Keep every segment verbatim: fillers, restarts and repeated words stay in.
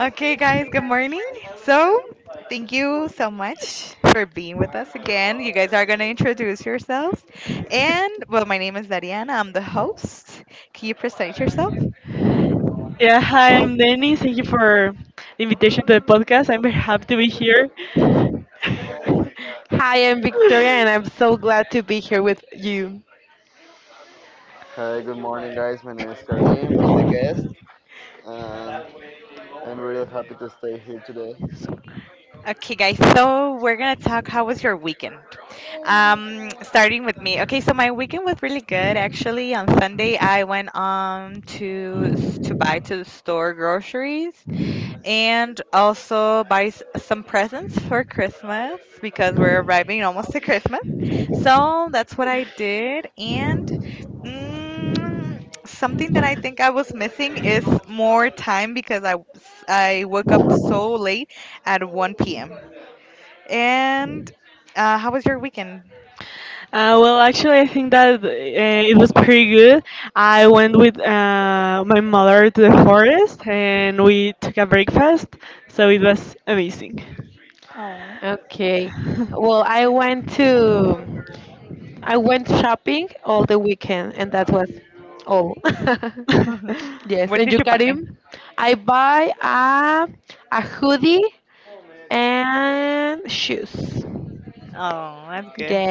Okay, guys, good morning. So, thank you so much for being with us again. You guys are going to introduce yourselves. And, well, my name is Dariana, I'm the host. Can you present yourself? Yeah, hi, I'm Danny. Thank you for the invitation to the podcast. I'm very happy to be here. Hi, good morning, guys. My name is Karim. I'm the guest, and I'm really happy to stay here today. Okay, guys, so we're going to talk how was your weekend? Um, starting with me. Okay, so my weekend was really good actually. On Sunday, I went um to s- to buy to the store groceries. And also buy s- some presents for Christmas because we're arriving almost to Christmas. So that's what I did. And mm, something that I think I was missing is more time because I, s- I woke up so late at one p m. And uh, how was your weekend? Uh, well, actually, I think that uh, it was pretty good. I went with uh, my mother to the forest and we took a breakfast, so it was amazing. Oh, what did you buy? Oh, that's good.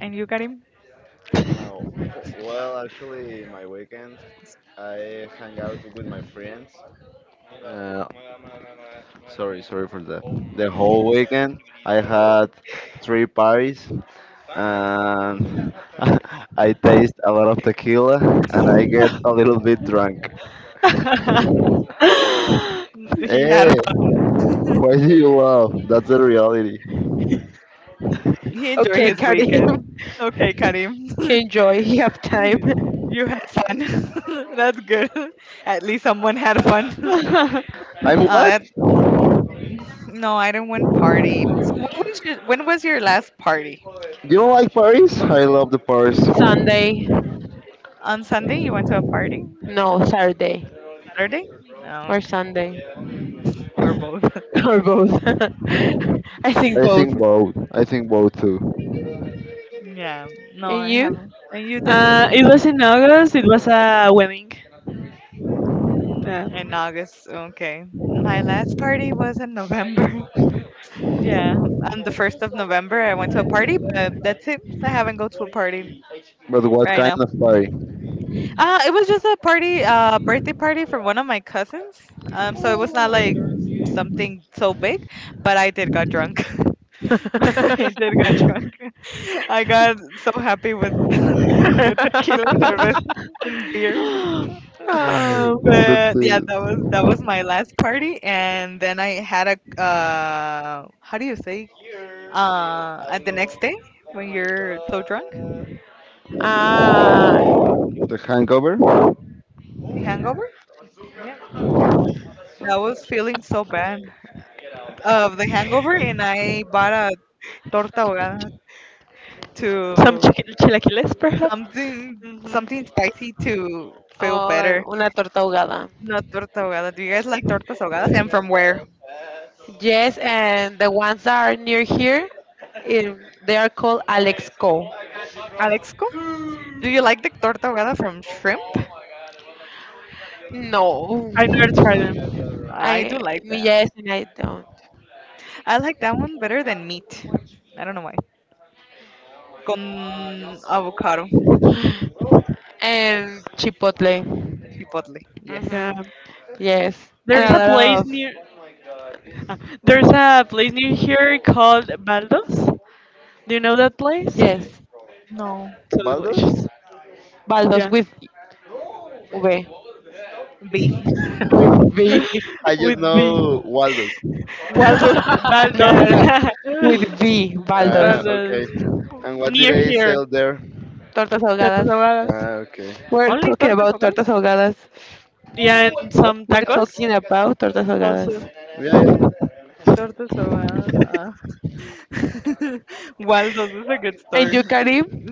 And you got him? Oh, well, actually, my weekend I hang out with my friends. Uh, Sorry, sorry for that. The whole weekend I had three parties and I taste a lot of tequila and I get a little bit drunk. He had Hey, one. why do you laugh? That's the reality. He enjoy his weekend. Okay, Karim. You had fun. That's good. At least someone had fun. I'm Ah, what? that no, I didn't win party. So what was your, when was your last party? You don't like Paris? I love the Paris. On Sunday, you went to a party. Saturday, no, or both. I think both. I think both too. Yeah, no, I haven't. And you, Denise? Uh, it was in August, it was a wedding. Yeah. Mm, in August, okay. My last party was in November. Yeah, on the first of November, I went to a party, but that's it. I haven't go to a party But what right kind now. of party? Uh, it was just a party, uh, birthday party for one of my cousins. Um, so it was not like something so big, but I did got drunk. I did got drunk. I got so happy with with tequila and cerveza and beer. That's But yeah, that was it. that was my last party, and then I had a uh, how do you say uh, at the next day when you're so drunk, The hangover? the hangover. Yeah, that was feeling so bad. Of the hangover, and I bought a torta ahogada Some to chicken chilaquiles, perhaps. Something hmm. something spicy to feel better. Not torta ahogada. Do you guys like tortas ahogadas? And from where? Alexco? Do you like the torta ahogada from shrimp? I've never tried them. I do like that. I like that one better than meat. I don't know why. Con avocado, chipotle. Yeah. Yes. There's a B. place near. ah, There's a place near here called Baldos. Do you know that place? No. So Baldos? delicious. Yeah. B. I just With B. know Waldos. Waldo. Baldos. Uh, okay. Baldos. And Only what did Near I here. sell there? Tatas ahogadas. Ah, okay. tortas ahogadas. Yeah, and What? some tacos also. Yeah, yeah. Tortas ahogadas, ah. Waldo's is a good store.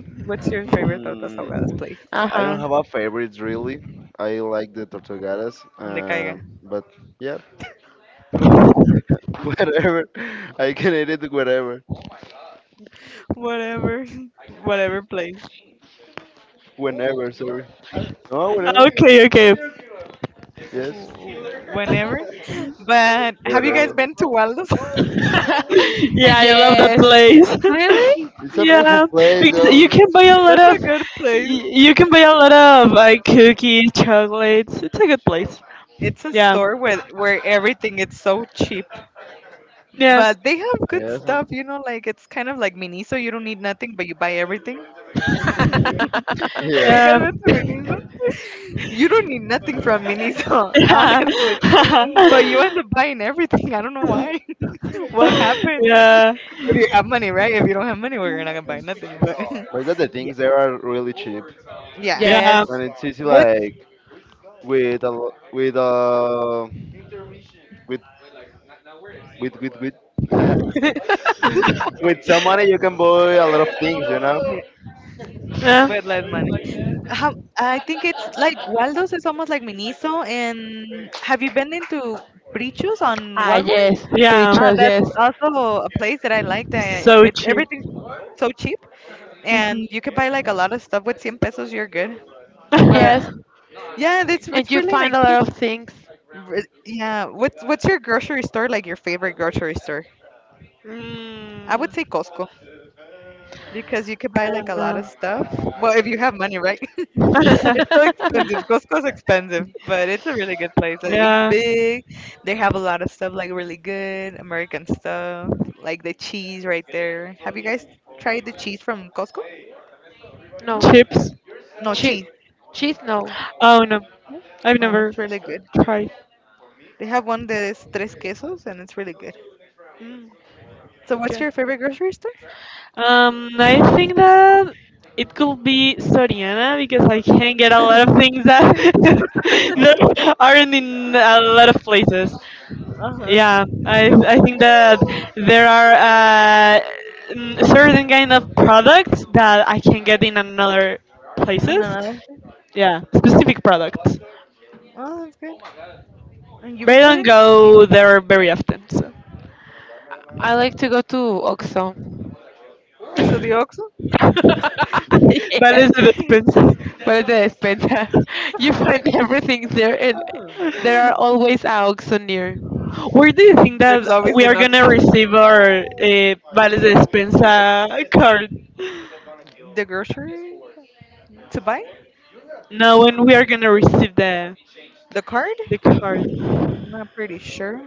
What's your favorite tortas Mm, ahogadas place? I don't have a favorite really. I like the Tortugadas, Donde caiga. um, but yeah, whatever. I can eat it wherever, Whatever, whatever place, whenever. Sorry, no, Ah, whatever. Okay, okay. Yes, w- whenever. But have you guys whatever. been to Waldo's? Yeah, I love that place. It's a beautiful Yeah, place, because though. you can buy a lot That's a of y- good place. you can buy a lot of like cookies, chocolates. It's a good place. It's a Yeah, store where where everything is so cheap, yeah, but they have good Yes, stuff. um, You know, like it's kind of like Miniso. You don't need nothing, but you buy everything. Have yeah. you yeah, guys been to Miniso? You don't need nothing from Miniso, honestly. But you end up buying everything. I don't know why. What yeah, happened? yeah, If you have money, right? If you don't have money, well, you're not gonna buy nothing. But But that the yeah, things there are really cheap, yeah. yeah, and it's easy What? like with a lo- with a with with with with with some money you can buy a lot of things, you Yeah, know. yeah, with less money. How, I think it's like Waldo's is almost like Miniso. And have you been into Brichos on Walmart? yeah. Uh, that's also a place that I like. That So it's cheap. everything's so cheap, and Mhm. you could buy like a lot of stuff with ten pesos. You're good. But yeah, it's it's really like cheap. Re- Yeah, what's what's your grocery store, like your favorite grocery store? I mm, would say Costco because you could I buy like a lot of don't stuff. Well, if you have money, right? know. It's so expensive. Costco's expensive, but it's a really good place. Like it's Yeah. big. They have a lot of stuff like really good American stuff, like the cheese right there. Have you guys tried the cheese from Costco? No. Chips? No cheese. Oh no, No, I've no, never it's really good. tried. They have one that is tres quesos and it's really good. Mm, So what's okay. your favorite grocery store? Um, I think that it could be Soriana because I can get a lot of things that, that aren't in a lot of places. Uh-huh. Yeah, I I think that there are uh, mm, certain kind of products that I can get in another And then places. I, Yeah, specific products. oh, that's good. And you, But I don't Victoria? go there very often. So. So the Oxxo? That is the despensa. Where do you think that There's always we an are gonna Oxxo. receive our uh, vales de despensa card? The grocery to buy? No, when we are gonna receive the The card? the card? Not pretty sure.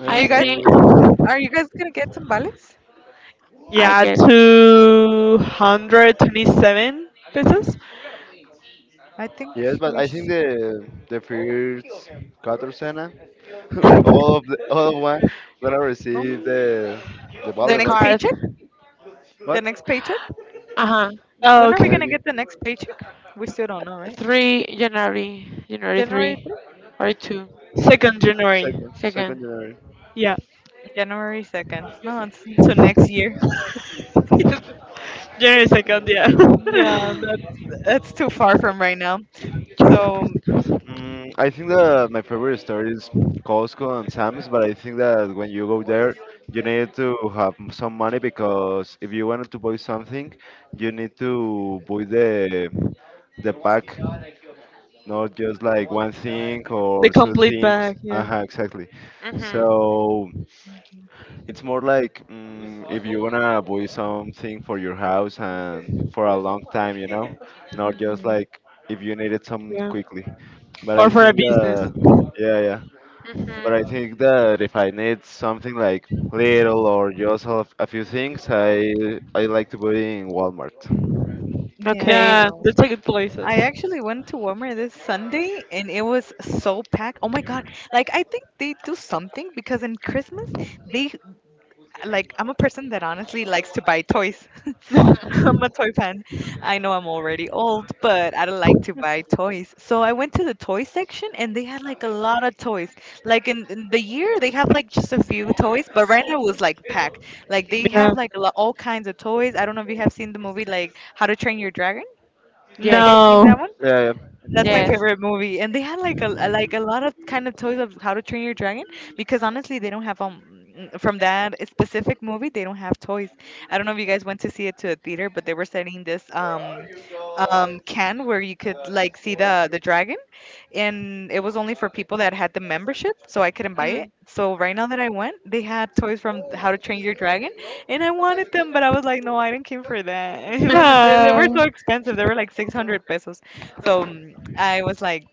I Do don't you know guys, really. are you guys gonna get tamales? Yeah, two hundred twenty-seven pesos. Mm, I think Yes, but we I think should, the the first Katarzyna, all of the all of one gonna receive um, the the the ballot, next right? paycheck? The What? next paycheck? Oh, When Mm, are we gonna Maybe okay. get the next paycheck? We still don't know, right? January third? Second January. second second January. Yeah, January second. No, it's to next year. January second. Yeah, Yeah, that's that's too far from right now. So Mm, I think that my favorite store is Costco and Sam's, but I think that when you go there, you need to have m- some money because if you want to buy something, you need to buy the the pack, not just like one thing the or two complete things. bag. Yeah, Uh-huh, exactly. So it's more like mm, if you wanna buy something for your house and for a long time, you know, not just mhm. like if you need it some yeah. quickly. But I Or for a think business. that, yeah, yeah. But I think that if I need something like little or just a, a few things, I I like to put it in Walmart. Yeah. Yeah, the ticket places. I actually went to Walmart this Sunday and it was so packed. Oh my God. Like I think they do something because in Christmas they like I'm a person that honestly likes to buy toys. I'm a toy fan. I know I'm already old, but I don't like to buy toys. So I went to the toy section and they had like a lot of toys. Like in, in the year they have like just a few toys, but right now it was like packed. Like they Yeah. have like a lo- all kinds of toys. I don't know if you have seen the movie like How to Train Your Dragon. Have you guys seen No. that one? Yeah, yeah. That's my favorite movie. And they had like a a- like a lot of kind of toys of How to Train Your Dragon because honestly, they don't have um mm, from that specific movie, they don't have toys. I don't know if you guys went to see it to a theater, but they were selling this um um can where you could like see the the dragon and it was only for people that had the membership, so I couldn't buy it. Mm. So right now that I went, they had toys from How to Train Your Dragon, and I wanted them, but I was like, no, I didn't came for that. It No. was they, they Yeah. were so expensive. They were like six hundred pesos. So mm, I was like,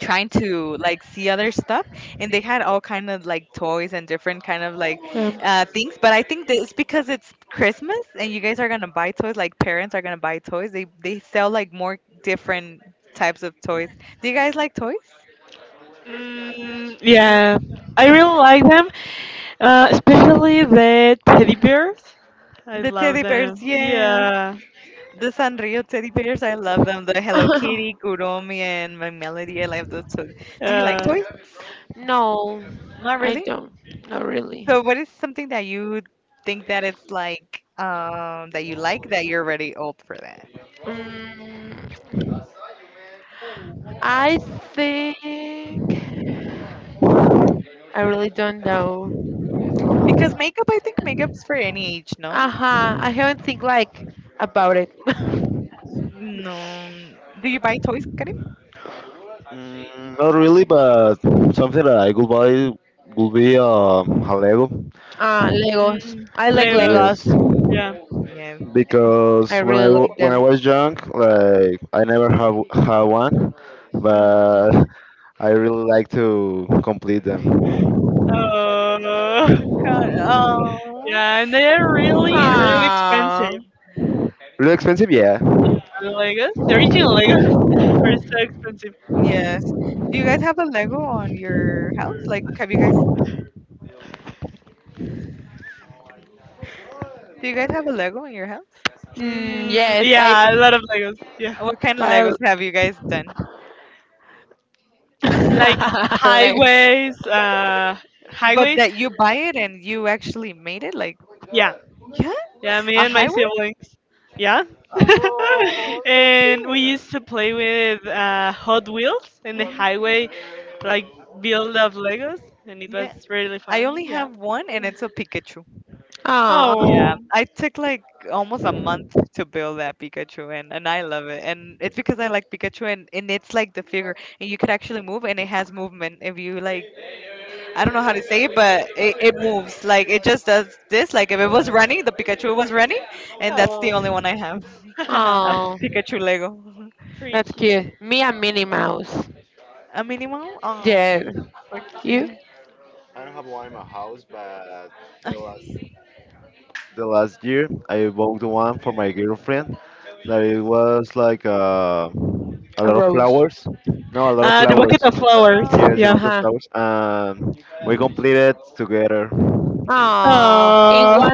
trying to like see other stuff, and they had all kind of like toys and different kind of like uh, things. But I think that it's because it's Christmas and you guys are gonna buy toys, like parents are gonna buy toys, they they sell like more different types of toys. Do you guys like toys? Mm, yeah, I really like them. Uh, especially the teddy bears. I The love teddy them. bears, yeah, Yeah. the Sanrio teddy bears. I love them. The Hello Kitty, Kuromi, and My Melody. I love those toys. Do you like Uh, toys? Not really. So what is something that you think that it's like um that you like that you're already old for that? Because makeup, I think makeup is for any age, no? No. Do you buy toys, Karim? Mm, not really, but something that I could buy would be um, a Lego. Mm, Legos. Yes, Yeah. yes. because when I wa- when I was young, like I never have had one, Mm. but I really like to complete them. Oh. Oh, Yeah, and they are really, really expensive. mm. Really expensive, yeah. The Legos, the original Legos are so expensive. Yes. Do you guys have a Lego on your house? Like, have you guys? Do you guys have a Lego in your house? Mm, yeah, a lot of Legos. Yeah, What kind of Legos have you guys done? like highways, uh, But highways. that you buy it and you actually made it, like, Yeah. yeah, Yeah, me a and my highway? siblings. Yeah. Oh, so And we cute. used to play with uh, Hot Wheels in the Mhm. highway, like build of Legos, and it was Yeah, really I fun. only Yeah. have one, and it's a Pikachu. Yeah, Oh. I took like almost a month to build that Pikachu, and and I love it. And it's because I like Pikachu, and and it's like the figure, and you could actually move, and it has movement. If you like, I don't know how to say it, but it, it moves. Like it just does this. Like if it was running, the Pikachu was running, and that's the Oh. only one I have. A Pikachu Lego. Pretty cute. A Minimow. Oh, okay. The last year I bought one for my girlfriend that it was like uh, a lot of flowers. No, a lot of Uh, the Oh, bucket flowers. of flowers. Yes, a Yeah. lot sorry. of flowers. And we completed together. Uh, Oh.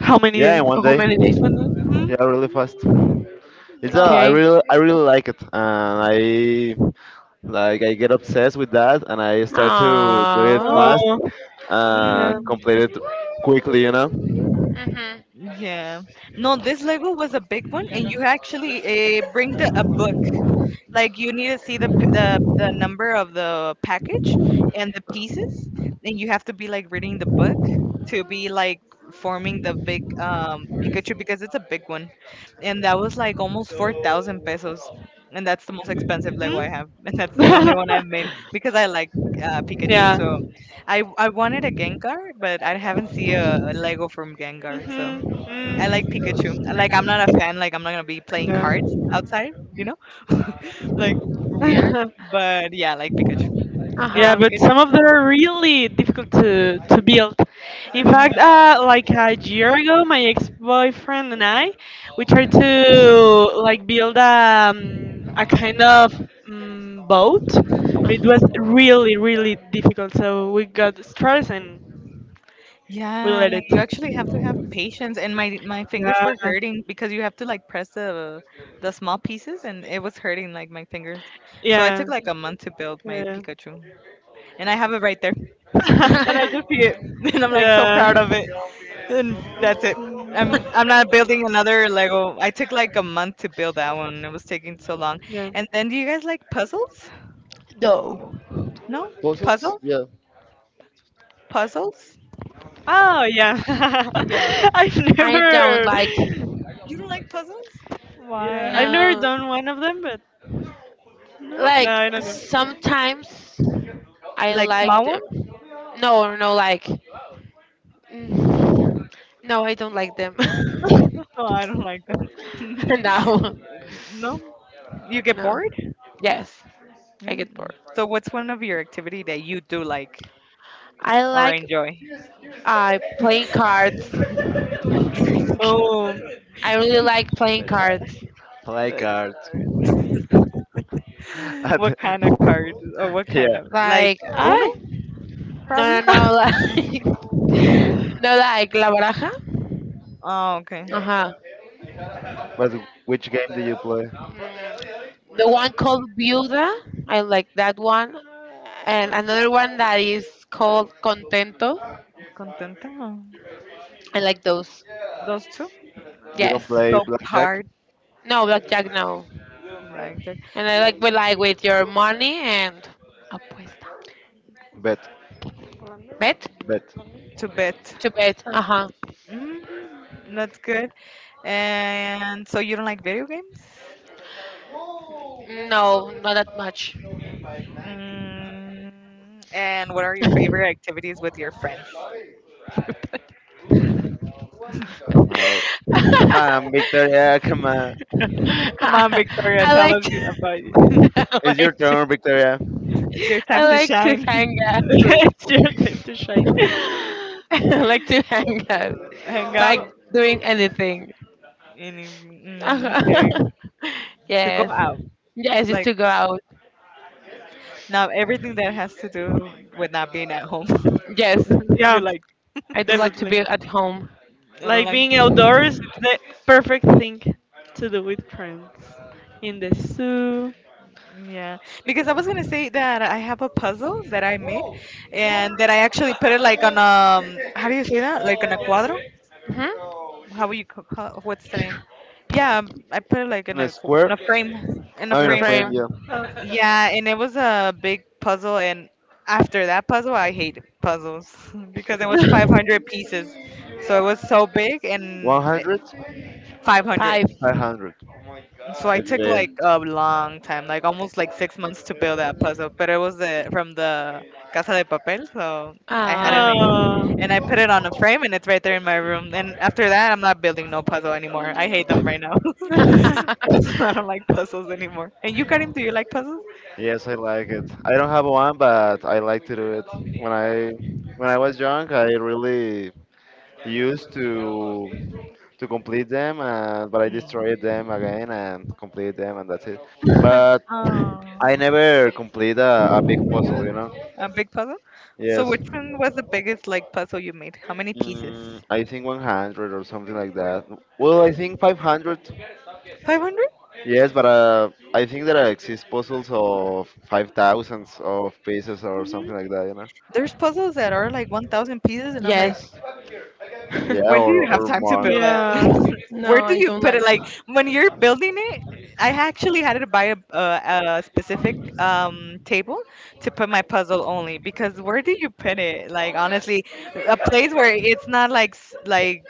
how many Yeah, days? in one day. One month? Hmm? Yeah, really fast. Mm. It's a, No, I no. really I really like it, and I like I get obsessed with that, and I start to do it fast Oh, yeah. and Mm, complete it quickly. You know, yeah. No, this Lego was a big one, and you actually uh, bring the a book. Like you need to see the p- the the number of the package and the pieces, and you have to be like reading the book to be like forming the big um Pikachu because it's a big one, and that was like almost four thousand pesos, and that's the most expensive Lego Hmm? I have, and that's the only one I've made because I like uh, Pikachu. Yeah. So I I wanted a Gengar, but I haven't seen a Lego from Gengar, so. Mm-hmm. I Hmm. Mm. like Pikachu. Like I'm not a fan. Like I'm not gonna be playing Yeah. cards outside. You know, like weird. But yeah, I like Pikachu. I like Yeah, but some Pikachu. of them are really difficult to, to build. In fact, Mhm. uh, like a year ago, my ex-boyfriend and I, we tried to like build um, a kind of um, boat, but it was really, really difficult. So we got stressed and we Yeah, let it. you actually have to have patience. And my my fingers Yeah, were hurting because you have to like press the the small pieces, and it was hurting like my fingers. So I yeah, took like a month to build my yeah, Pikachu, and I have it right there, and I just see it, and I'm like so proud yeah, of it. And that's it. I'm I'm not building another Lego. I took like a month to build that one. It was taking so long. yeah. And then do you guys like puzzles? No? Puzzles. Puzzle? Yeah. Puzzles? Oh yeah. Yeah. I've never, You don't like puzzles? yeah, I've never done one of them, but no, I don't know. Like small ones? Oh, I don't like them. No? You get bored? Yeah. So what's one of your activity that you do like or enjoy? Drink. Oh. That's right. Play Like, cards. And- what kind of cards or what kind yeah, of like Uno probably? Oh, okay. but which game do you play? Contenta. Those two. You don't play So blackjack? hard, like that, Bet, bet. to bet. Mm, that's good. And so you don't like video games? Mm, and what are your favorite activities with your friends? Oh, come on, Victoria, come on. Come on, Victoria, tell us you- about you. It's your turn, Victoria. It's your time to shine. It's your time to shine. Uh, hang out. Any, mm, okay. To go out. Like, now everything that has to do with not being at home. Yeah, you like, definitely. I don't Like like. being outdoors, it's the perfect thing to do with friends. In the zoo. Yeah, because I was gonna say that I have a puzzle that I made, and that I actually put it like on um how do you say that? Like on a cuadro? How would you ca- ca- what's the name? Yeah, um, I put it like In in a a qu- in square? a frame in a Oh, in a frame. frame, uh, yeah. Yeah, and it was a big puzzle, and after that puzzle, I hate puzzles because it was five hundred pieces, so it was so big and one hundred? five hundred. five hundred. So I It's took big. like a long time, like almost like six months to build that puzzle, but it was the, from the Casa de Papel, so I had to make it. Oh. And I put it on a frame, and it's right there in my room. And after that, I'm not building no puzzle anymore. I hate them right now. I don't like puzzles anymore. And you, Karim, do you like puzzles? Yes, I like it. I don't have one, but I like to do it. When I when I was young, I really used to to complete them, and, but I Mm. destroyed them again and completed them, and that's it. oh. But Oh, I never complete a, a big puzzle, you know. a big puzzle. So Yes, which one was the biggest like puzzle you made? How many pieces? mm, I think one hundred or something like that. Well, I think five hundred. Five hundred? Yes, but uh, I think there are exist puzzles of five thousands of pieces or Mm-hmm. something like that, you know. There's puzzles that are like one thousand pieces, and I'm like, Yeah, when do or you have or time to more. build it? Yeah. Where do you put it? Like when you're building it, I actually had to buy a, a, a specific um, table to put my puzzle only because where do you put it? Like honestly, a place where it's not like s- like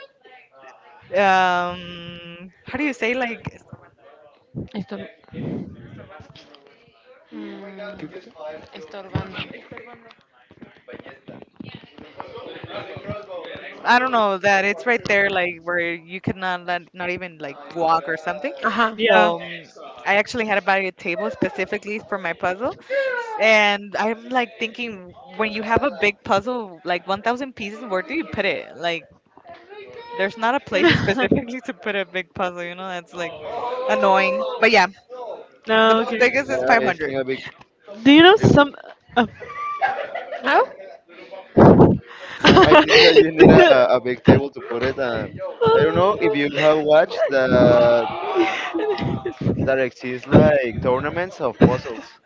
um how do you say like ¿Qué cosa? I don't know that it's right there like where you could not let, not even like walk or something. Yeah. So um, I actually had to buy a table specifically for my puzzle. And I'm like thinking, when you have a big puzzle, like one thousand pieces, where do you put it? Like, there's not a place specifically to put a big puzzle, you know? That's like annoying. But yeah, the No, most okay. biggest is Yeah, I five hundred. think a big Do you know Uh, some? No, I think that you need Oh. a, a big table to put it. And I don't know if you have watched that that exists like tournaments of puzzles.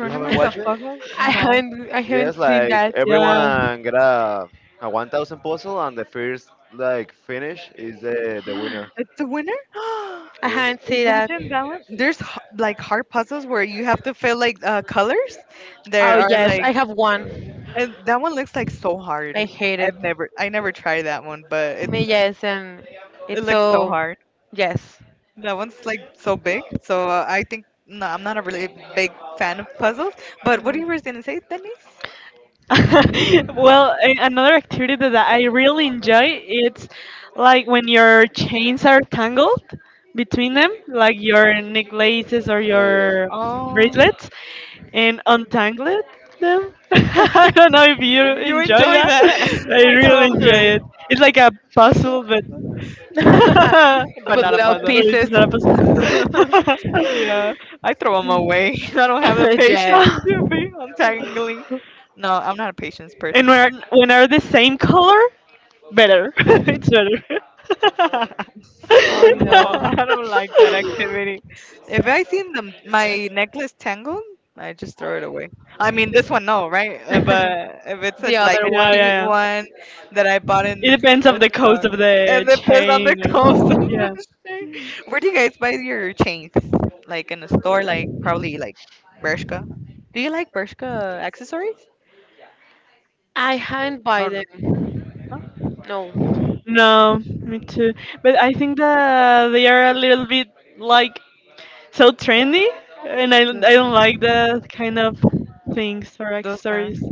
You haven't of watched it? puzzles? No. Yes, like Yeah. everyone get a, a one thousand puzzle, and the first like finish is the the winner. It's a winner? Yes. Imagine that one. There's h- like hard puzzles where you have to fill like uh, colors. There are like, Uh, and that one looks like so hard. I've never, I never tried that one, but it's, it looks so hard. That one's like so big. So uh, I think no, I'm not a really big fan of puzzles. But what you were gonna say, Denise? Well, a- another activity that I really enjoy it's like when your chains are tangled between them, like your necklaces or Oh yeah. your Oh, bracelets, and untangle them. I don't know if you y- you enjoy enjoy that, that? but I I throw really 'em enjoy to it. It's like a puzzle, but it, but but not a puzzle. it's not a puzzle. yeah, I throw them away. I don't have the patience to be untangling. No, I'm not a patience And person. when are, when are the same color? Better. It's better. No, I don't like that activity. If I seen the, my necklace tangled, I just throw it away. I mean, this one, no, right? Uh, But if it's a, like a Yeah, yeah, cheap yeah. one that I bought It in depends a of the cost store of the and it puts on the chain. clothes, I'm Yeah. not sure. Where do you guys buy your chains? Like in a store, like probably like Bershka. Do you like Bershka accessories? Oh no, no, No, me too. But I think that they are a little bit like so trendy, and I don't- just, I uh, don't like that kind of things or those kind of. accessories.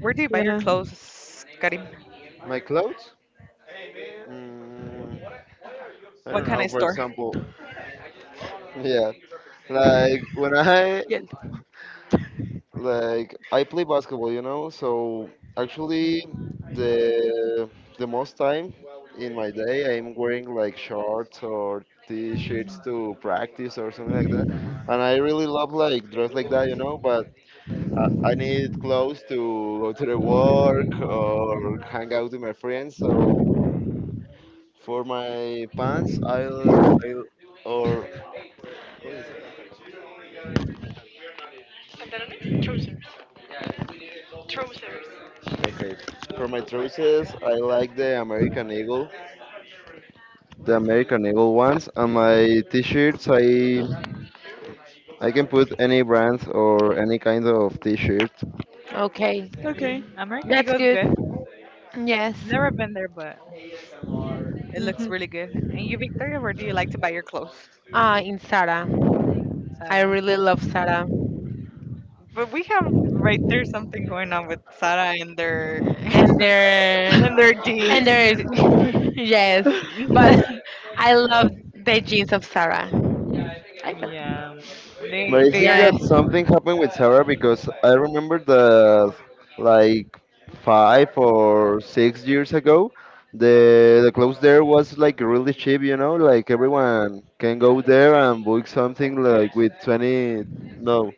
Where do you buy your Yeah. clothes, Karim? My clothes? Mm, I What don't kind know. of For store? example, yeah, like when I like I play basketball, you know, so actually the the most time in my day I'm wearing like shorts or t-shirts Mm. to practice or something like that. And I really love like dress like that, you know, but I, I need clothes to go to the work or hang out with my friends. So for my pants, I'll I'll or what is it? Okay. For my trousers, I like the American Eagle, the American Eagle ones. And my t-shirts, I I can put any brand or any kind of t-shirt. Okay. Mm, American Eagle is good. I've never been there, but it looks really good. And you, Victoria, where do you like to buy your clothes? In Sara. But we have right there something going on with Sara and their and their jeans. Yeah, um, But they I they think are. that something happened with Sarah because I remember that like five or six years ago, the the clothes there was like really cheap. You know, like everyone can go there and book something like with twenty. No.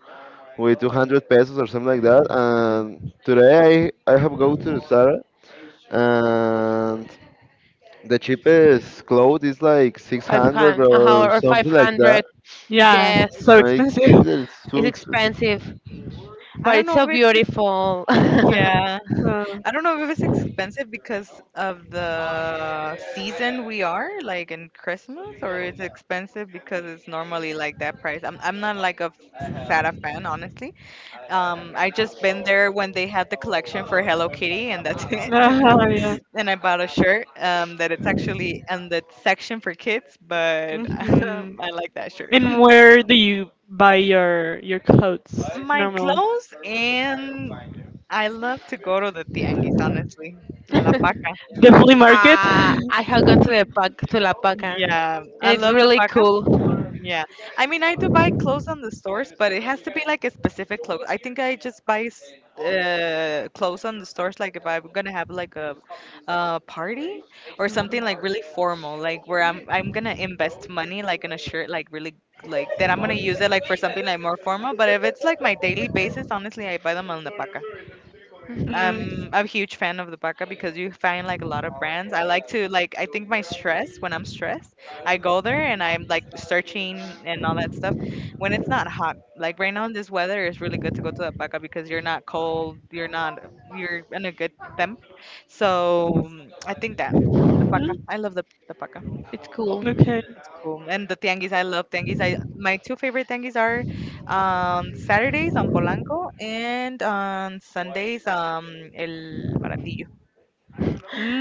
With two hundred pesos or something like that. Hmm. And today I, I have go to Zara and the cheapest clothes is like six hundred or something like that. Yeah, so I expensive. think that it's so expensive. I don't know if it's yeah. Uh, I don't know if it's expensive because of the season we are like in Christmas, or it's expensive because it's normally like that price. I'm I'm not like a Sara fan, honestly. Um, I just been there when they had the collection for Hello Kitty, and that's it. uh, yeah. And I bought a shirt um, that it's actually in the section for kids, but Hmm. um, I like that shirt. And where do you buy your your clothes My normally? clothes, and I love to go to the tianguis, honestly, in La Paca. The flea market? mm Yeah, I love the Paca. Yeah. I mean, I do buy clothes on the stores, but it has to be like a specific clothes. I think I just buy s- uh, clothes on the stores, like if I'm gonna have like a, uh party or something like really formal, like where I'm I'm gonna invest money like in a shirt, like really like that I'm gonna use it like for something like more formal. But if it's like my daily basis, honestly, I buy them on the paca. I'm I'm a huge fan of the Baka because you find like a lot of brands. I like to like I think my stress when I'm stressed, I go there and I'm like searching and all that stuff. When it's not hot, like right now in this weather, it's really good to go to the Baka because you're not cold, you're not you're in a good temp. So mm, I think that the Baka, mm, I love the the Baka. Okay. It's cool. And the tianguis, I love tianguis. I My two favorite tianguis are um Saturdays on Polanco and on Sundays um El Baratillo.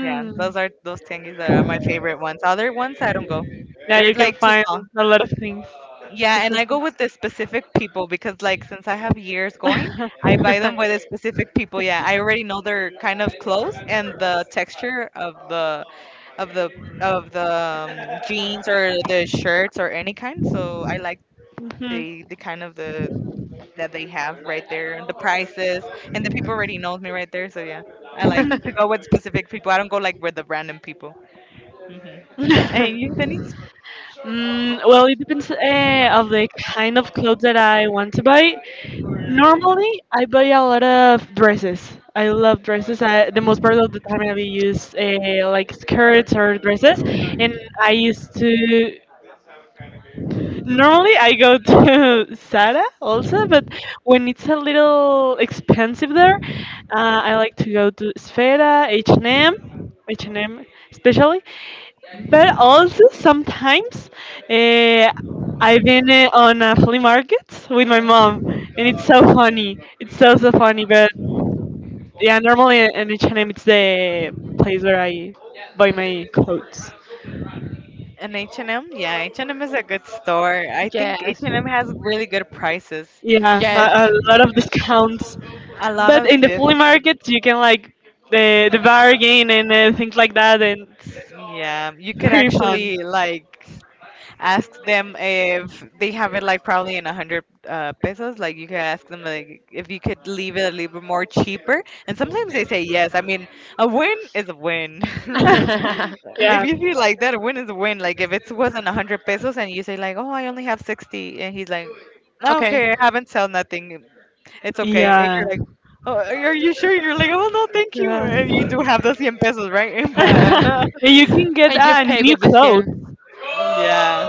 Yeah, those are those tianguis that are my favorite ones. Other ones I don't go. Yeah, They're you can like too find small. a lot of things, Yeah, and special I go things. with the specific people because, like, since I have years going, I buy them with the specific people. Yeah, I already know they're kind of close, and the texture of the of the of the um, jeans or the shirts or any kind. So I like Hmm. the the kind of the that they have right there, and the prices, and the people already knows me right there. So yeah, I like to go with specific people. I don't go like with the random people. Hmm. Hmm. And you, Denise? Mm, well, it depends uh, of the kind of clothes that I want to buy. Normally, I buy a lot of dresses. I love dresses. I, the most part of the time, I use uh, like skirts or dresses. And I used to. Normally, I go to Zara also, but when it's a little expensive there, uh, I like to go to Sfera, H and M. H and M especially, but also sometimes uh, I've been uh, on a flea market with my mom, and it's so funny. It's so so funny. But yeah, normally in H and M it's the place where I buy my clothes. An H and M? Yeah, H and M is a good store. I think H and M has really good prices. Yeah, a, a lot of discounts. A lot But of in the flea discount. market you can like the the bargain and uh, things like that, and it's Yeah, you could pretty fun. actually like ask them if they have it like probably in a hundred uh, pesos. Like you could ask them like if you could leave it a little bit more cheaper, and sometimes they say yes. I mean, a win is a win. Yeah, If you see like that, a win is a win. Like if it wasn't a hundred pesos and you say like, oh, I only have sixty, and he's like, okay, I haven't sold nothing. It's okay. And yeah, you're like, oh, are are you sure? You're like, oh no, thank you. yeah. And you do have the one hundred pesos, right? But And you can get uh, new clothes. yeah.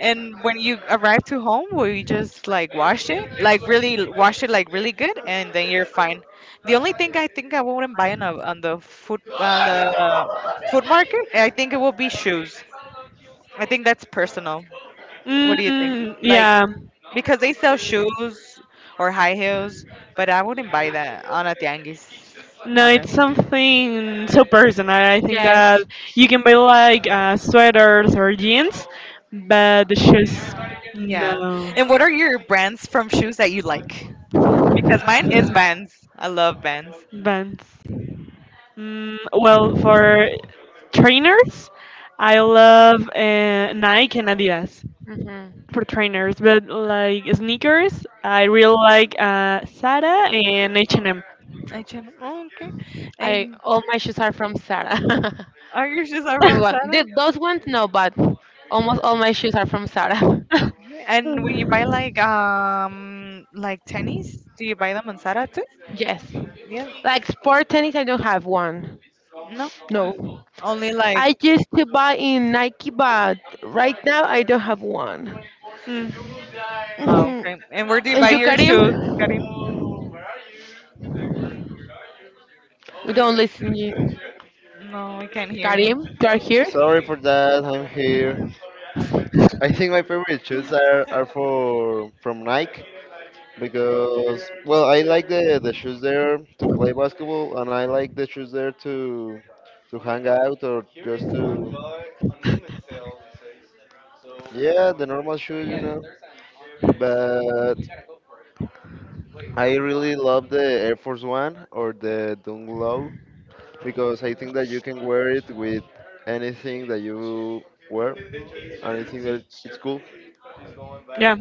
And when you arrive to home, will you just like wash it? Like really l- wash it like really good and then you're fine. The only thing I think I wouldn't buy on, a, on the food on the uh, food market, I think it will be shoes. I think that's personal. What do you think? Mm, Like yeah. because they sell shoes or high heels, but I wouldn't buy that on a tianguis. No, it's something so personal. I think that you can buy like uh, sweaters or jeans, but the shoes, Yeah. no. And what are your brands from shoes that you like? Because mine is Vans. I love Vans. Vans. Mm, well, for trainers, I love uh, Nike and Adidas for trainers, but like sneakers, I really like uh, Zara and H and M. I gen- oh, okay. And are your shoes are from Zara? And when you buy like um like tennies, do you buy them on Zara too? Yeah. No. Only like Mm. oh, okay. And where do you buy your shoes, Karim? No, we can't hear you. Sorry for that. I'm here. I think my favorite shoes are, are for from Nike because well I like the, the shoes there to play basketball and I like the shoes there to to hang out or just to yeah the normal shoes you know but I really love the Air Force One or the Dunk Low because I think that you can wear it with anything that you wear, and I think that it's, it's cool. Yeah.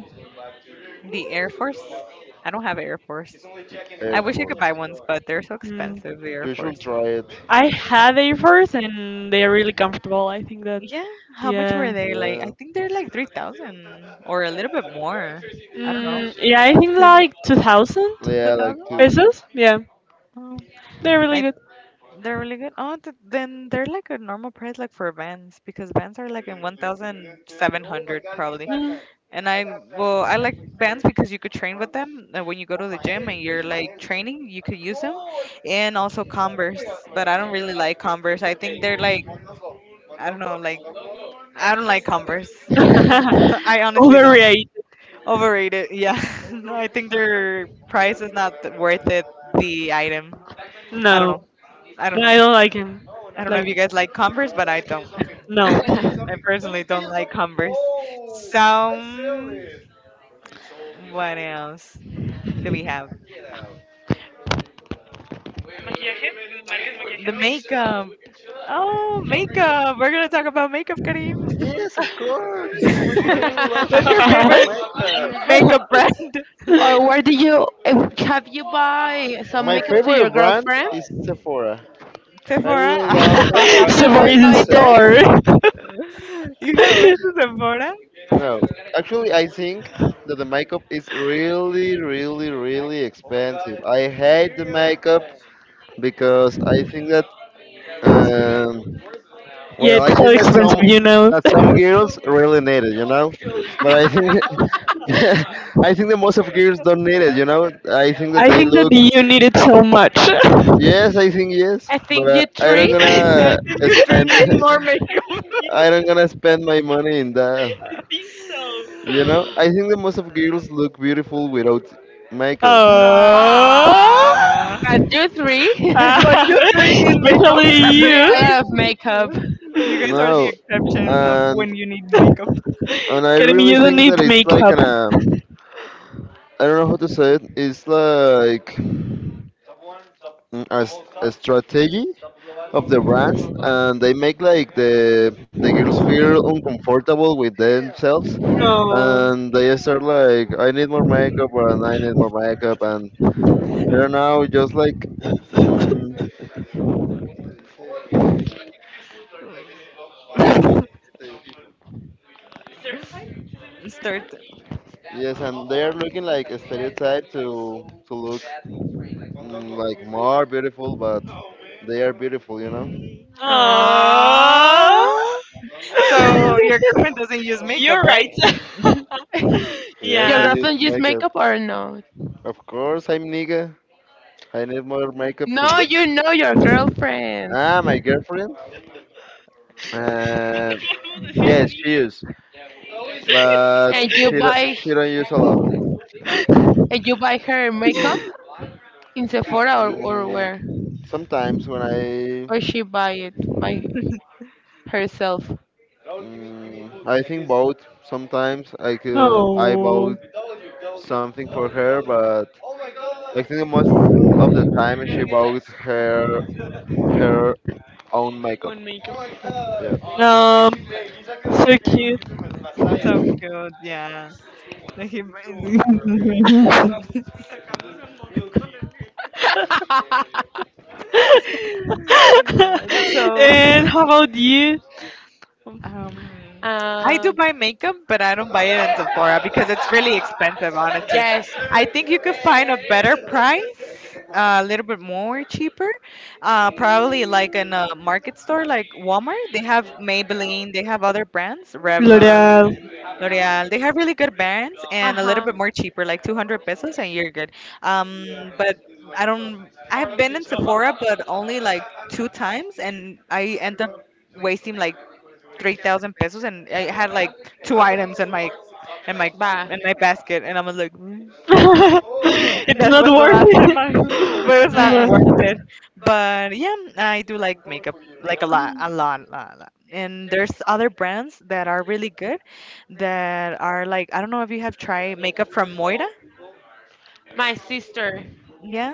The Air Force? I don't have Air Force. I Air wish I could Force. buy ones, but they're so Mm. expensive, the Air You should Force. try it. I had Air Force and they are really comfortable. I think that, Yeah, how much were yeah. they? Like, Yeah. I think they're like three thousand or a little bit more. I don't know. Mm, yeah, I think like two thousand Yeah, I two thousand? like too. pesos. Yeah, Oh, they're really I, good. they're really good. Oh, th then they're like a normal price, like for Vans, because Vans are like in one thousand seven hundred probably. Mm. And I, well, I like Vans because you could train with them. And when you go to the gym and you're like training, you could use them. And also Converse, but I don't really like Converse. I think they're like, I don't know, like, I don't like Converse. I honestly don't know. Overrated. Overrated, yeah. No, I think their price is not th- worth it. The item, I don't No, know. I don't no, know. I don't like him. I don't know if Like, you guys like Converse, but I don't. no. I personally don't like Converse. So, um, what else do we have? The makeup. Oh, makeup. We're gonna talk about makeup, Karim. Yes, of course. I really love to What's your talk Subway favorite about makeup. makeup brand? My favorite brand is Sephora. I really Sephora. love Sephora to make is a myself. store. You have been to Sephora? No, actually, I think that the makeup is really, really, really expensive. I hate the makeup because I think that, It's, I um, Yeah, well, it's I so think that expensive, some you know. that some girls really need it, you know. But I think that- I think that most of girls don't need it, you know. I think that I they think that look you need it so much. yes, I think yes, but uh, I don't gonna think you three spend need more makeup. I don't gonna spend my money in that. You know, I think that most of girls look beautiful without makeup. Oh, Nah. But ah, you three need makeup, especially you. please. You guys are the No, exception of and when you need makeup. and I Uh, Kidding me, really you don't think that need it's like makeup. an uh, I don't know how to say it. It's like mm, a, s- a strategy of the brands, and they make like the the girls feel uncomfortable with themselves, No. and they start like I need more makeup and I need more makeup, and I don't know, just like. Mm, Start. yes, and they are looking like a stereotype to to look mm, like more beautiful, but they are beautiful, you know. Oh, So your girlfriend doesn't use makeup, you're right? right. Yes, I Yeah. use makeup. Of course, I'm nigga. I need more makeup to. Ah, my girlfriend. Uh, yes, she use, but she do- she don't use a lot. Mm, Sometimes when I Mm, I think both. Sometimes I could, I Oh, bought something for her, but I think the most of the time she bought her her own makeup. on makeup. Yeah. Um, so cute. So cute, yeah. Yeah. So And how about you? Um, I do buy makeup, but I don't buy it in Sephora because it's really expensive, honestly. I think you could find a better price, uh, a little bit more cheaper, uh, probably like in a market store like Walmart. They have Maybelline, they have other brands, Revlon, L'Oreal. L'Oreal. They have really good brands and a little bit more cheaper, like two hundred pesos, and you're good. Um, but I don't. I've been in Sephora, but only like two times, and I end up wasting like three thousand pesos, and I had like two items in my in my in my basket, and I was like, "Mm." It's That not was the worth last time it. I, but it was not worth L'Oreal. it. But yeah, I do like makeup, like a lot, a lot, a lot, a lot. And there's other brands that are really good, that are like I don't know if you have tried makeup from Moira. Yeah,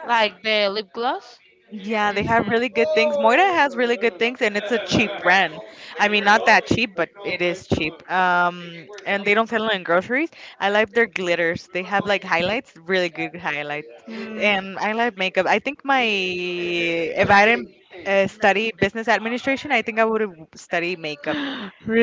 yeah, they have really good things. Moira has really good things, and it's a cheap brand. I mean, not that cheap, but it is cheap. Um, and they don't sell it in groceries. I like their glitters. They have like highlights, really good highlights. Mm. And I like makeup. I think my if I didn't uh, study business administration, I think I would have studied makeup.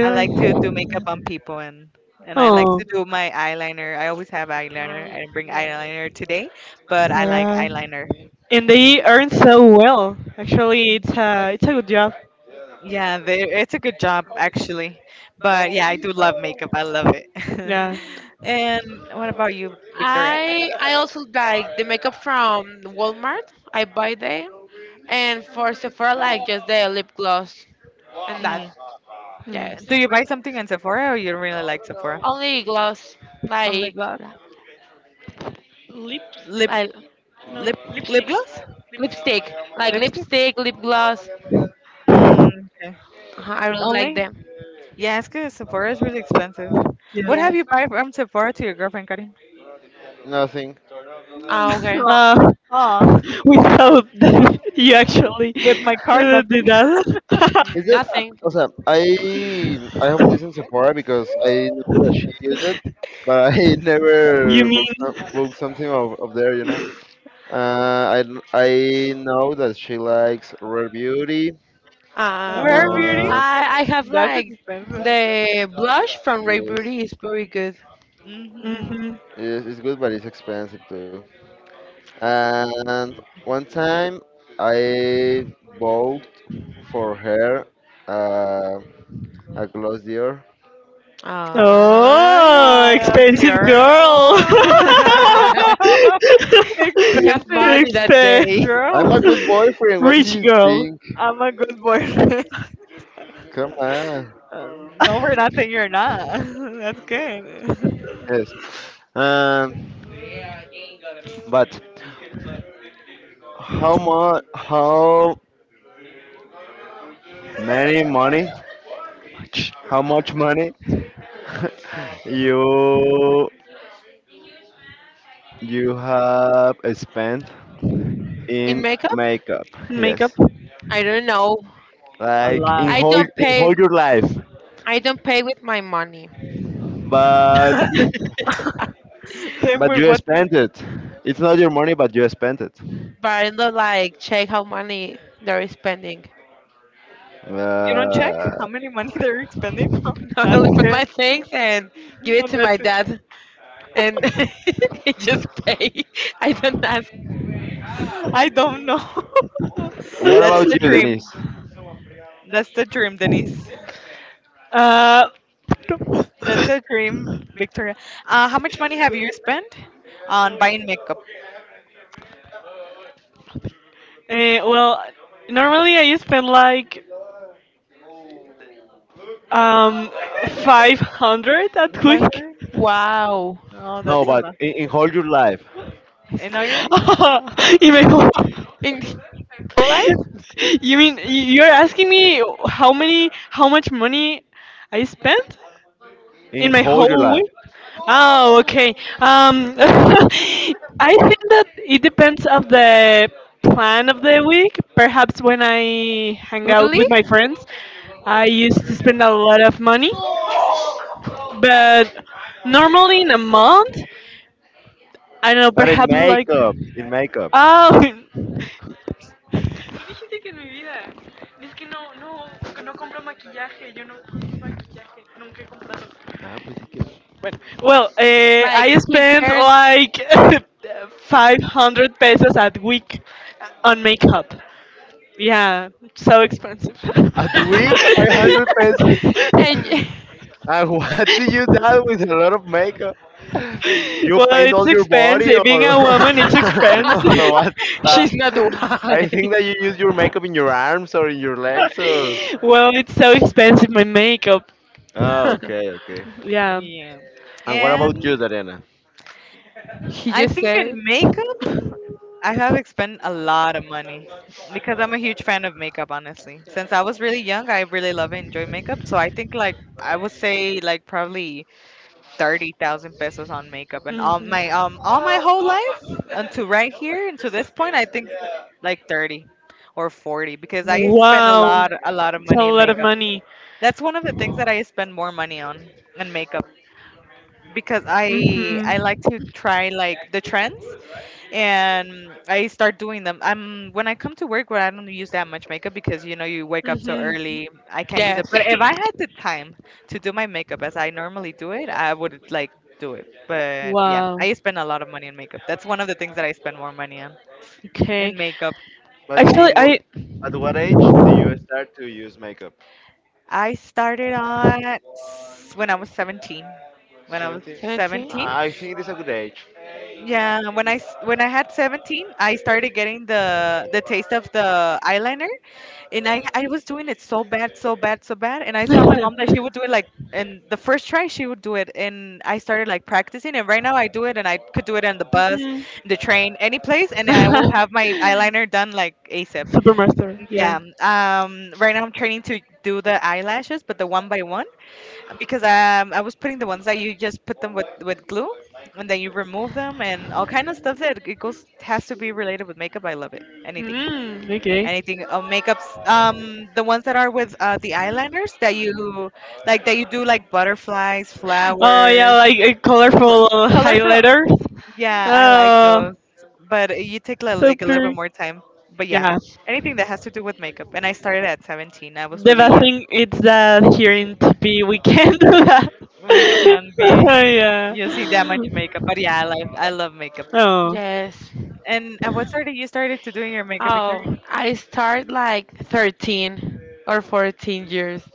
I like to do makeup on people, and and I like Oh, to do my eyeliner. I always have eyeliner. I didn't bring eyeliner today, but I like yeah. eyeliner. And they earn so well. Actually, it's a it's a good job. Yeah, they, it's a good job actually. But yeah, I do love makeup. I love it. Yeah. And what about you, Victoria? Mm. Mm. Do you buy something on Sephora or you don't really like Sephora? On lip gloss? Lips. Lip lip lip gloss? Lipstick? Mm, okay. Only? Yeah, it's because Sephora is really expensive. Yeah. What have you buy from Sephora to your girlfriend, Karin? Nothing. Aw, Uh, aw, without that, you actually with my card, uh, did nothing. that. Is it? Also, I I have listened so because I know that she used it, but I You never booked, mean? some- booked something of, of there, you know. Uh, I I know that she likes Rare Beauty. Rare Oh. beauty? Uh, That's expensive. yes, Hmm. Hmm. yes, it's good, but it's expensive too. And one time I bought for her uh, a Gloss Dior. Oh, Uh, expensive dear. girl. Uh, Expensive Expen, girl. I'm a good boyfriend. What did Rich you girl. think? I'm a good boyfriend. Come on. Um, no, for nothing, you're not. That's good. Yes. Um, but how much? How many money? How much money you you have spent in makeup Makeup. yes A like in lot. whole in whole your life but Then but with you what do you, spent it it's not your money but you spent it you don't check uh, how many money they're spending on? That's good. And that's it. I don't know. what That's about the you dream. denise That's the dream, Denise. Uh, That's uh, a dream, Victoria. Uh, how much money have you spent on buying makeup? well. Normally, I spend like um five hundred at It's Five week hundred? Oh, no that's a but lot. in, in whole your life In Ireland, in my home. You mean you're asking me how many, how much money I spent in in my whole your whole life week? Oh, okay. Um, I think that it depends of the plan of the week. Perhaps when I hang out with my friends, I used to spend a lot of money, but normally in a month. I don't know, but in perhaps like makeup in makeup oh, ah pues di que no. well, well uh, I spent like five hundred pesos a week on makeup. Yeah, so expensive. A week Well, five hundred pesos. And what do you do with a lot of makeup? You paint it's all your body expensive. Being or a woman, it's or expensive. what? Uh, I think that you use your makeup in your arms or in your legs or. Well, it's so expensive my makeup. Oh, okay, okay. Yeah. yeah. And what about you, And Dariana? I think in makeup, I have spent a lot of money because I'm a huge fan of makeup, honestly. Since I was really young, I really love and enjoy makeup. So I think like I would say like probably thirty thousand pesos on makeup, and all my Mhm. um all my whole life until right here until this point, I think like thirty or forty because I spend a Wow, lot a lot of it's a money in lot of makeup. money. That's one of the things that I spend more money on in makeup because Mhm. I I like to try like the trends and I start doing them. I'm When I come to work where I don't use that much makeup because you know you wake up so Mhm. early, I can't use it. But if I had the time to do my makeup as I normally do it, I would like do it. But yeah, Wow. I spend a lot of money on makeup. That's one of the things that I spend more money on Okay. in makeup. But Actually, in wh- I. at what age do you start to use makeup? I started on s- when I was seventeen. When I was Seventeen. seventeen, I think it is a good age. yeah, when I s- when I had seventeen, I started getting the the taste of the eyeliner. And I, I was doing it so bad, so bad, so bad. And I saw my mom that she would do it like, and the first try she would do it. And I started like practicing. And right now I do it, and I could do it on the bus, Mhm. the train, any place. And I will have my eyeliner done like ASAP. Supermaster. Yeah. Yeah. Um. Right now I'm training to do the eyelashes, but the one by one because um I was putting the ones that you just put them with with glue, and then you remove them and all kind of stuff that it goes has to be related with makeup. I love it. Anything. Mm, okay. Anything uh, makeups um the ones that are with uh the eyeliners that you like that you do like butterflies, Oh yeah, flowers, like a pr- colorful colorful. highlighters. Yeah, I like Oh, those. But you take li- so like a little bit pretty. more time. But yeah, Yeah, anything that has to do with makeup. And I started at seventeen. I was the really best young. thing is that here in T P we can do that. We can be Oh yeah. using that much makeup. But yeah, I love I love makeup. Oh, Yes. And at what started you started to doing your makeup, Victoria? Oh, I start like thirteen or fourteen years.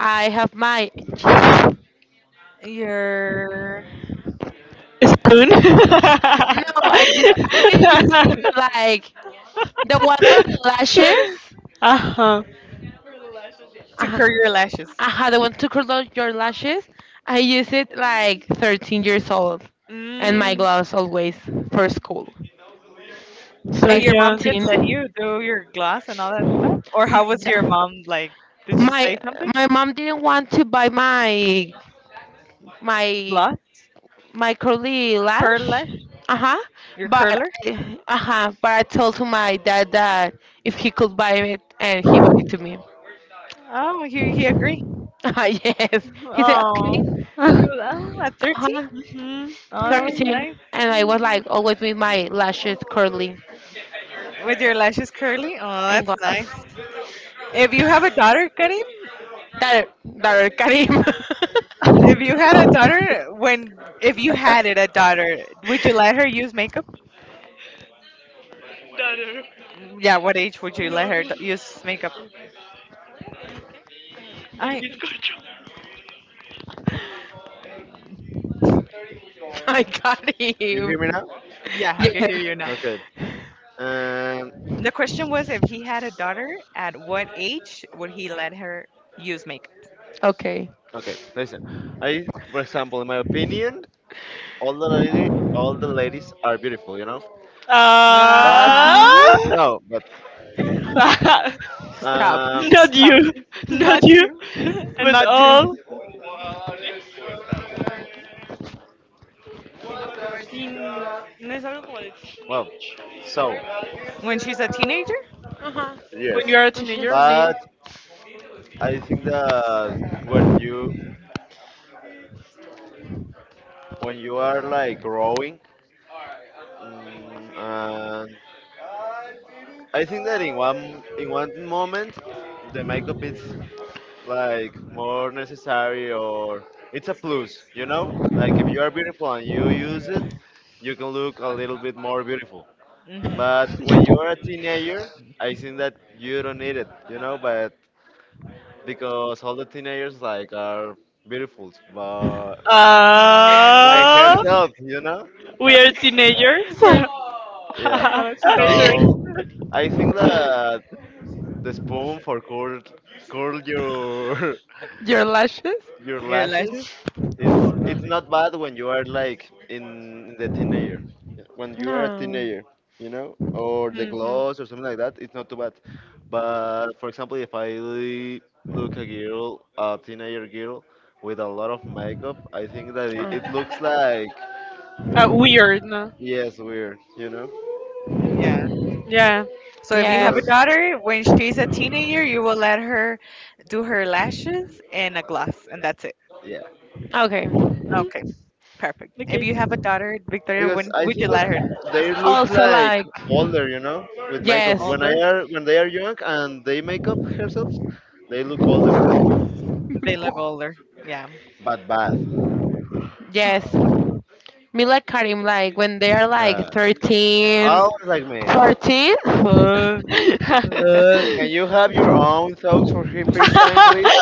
I have my. Your spoon. No, I did. I did just put, like the one for the lashes. Uh huh. to Uh-huh. curl your lashes. Uh-huh, the one to curl out your lashes. I use it like thirteen years old, and my Mm, gloves always for school. so And Like your mom young. did thirteen. let you do your gloss and all that stuff? Or how was your mom like? Did she my say something? my mom didn't want to buy my my Gloss? my curly lash. Curlash? Uh-huh. Your But curler? uh-huh, but I told to my dad that if he could buy it and he bought it to me. Oh, he, he agreed. Uh, yes, he said Oh, okay. he was, oh, at thirteen? Uh-huh. Mhm. Oh, that was thirteen. nice. And I was like always with my lashes curly With your lashes curly? Oh, and that's glass. nice. If you have a daughter, Karim, That that Karim. if you had a daughter, when, if you had it, a daughter, would you let her use makeup? Yeah, what age would you let her d- use makeup? I, I got You him. hear me now? yeah, I can hear Yes, you. Okay. Um, The question was if he had a daughter, at what age would he let her use makeup? okay. Okay, listen. I, for example, in my opinion, all the lady, all the ladies are beautiful, you know. But Ah, Ah. no, but Stop. um, Not stop. you, not Not you, you. And but not you. all. No es algo como de well, so When she's a teenager? Uh huh. yes, when you are a When she's a teenager. teenager. but I think that when you when you are like growing, mm, and I think that in one in one moment, the makeup is like more necessary or it's a plus, you know? Like if Mhm. you are beautiful and you use it, you can look a little bit more beautiful. Hmm. But when you are a teenager, I think that you don't need it, you know, but because all the teenagers like are beautiful but by Ah. Uh, herself, you know? we are teenagers. We're, Yeah. I'm not a teenager. So I think that the spoon for curl curl your Your lashes? your Your lashes? lashes it's it's not bad when you are like in the teenager when you are a No. teenager you know or the Mhm. gloss or something like that it's not too bad but for example if I look a girl a teenager girl with a lot of makeup I think that it, it Uh. looks like Uh, weird. No? yes weird you know Yeah. Yeah. So if you have a Yes. because daughter, when she's a teenager, you will let her do her lashes and a gloss, and that's it. yeah. Okay. Mm, Okay, perfect. If okay. you have a daughter, Victoria, Because when I would think you that let her they look Also, like like, older, you know, with makeup. yes. When I older? Are when they are young and they make up themselves, they look older, Bella Golder. Yeah. but bad. Yes. Me like Karim, like, when they are like Uh, thirteen, Always like me. fourteen. Uh, You uh, Can you have your own thoughts for the first time, please?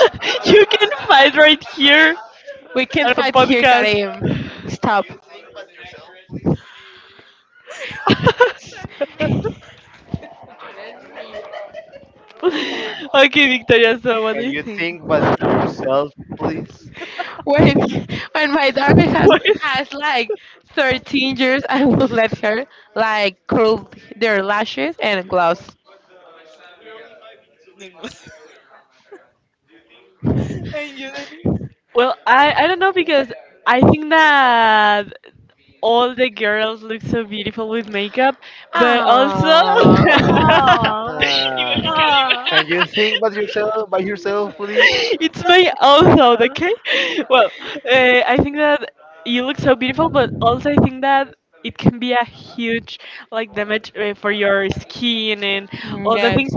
can fight right here we can on our fight here, podcast. Karim. Stop. Okay, Victoria, so what do Can you you think? think but yourself, please? When when my daughter has Pues- has like thirteen years, I will let her like curl their lashes and gloves. Mhm. I knew that. well, I, I don't know because I think that all the girls look so beautiful with makeup, but also Ah. Oh, Uh, oh. can you think but yourself by yourself, please? it's my own okay? Well, uh, I think that you look so beautiful, but also I think that it can be a huge like damage uh, for your skin and all the Yes. things.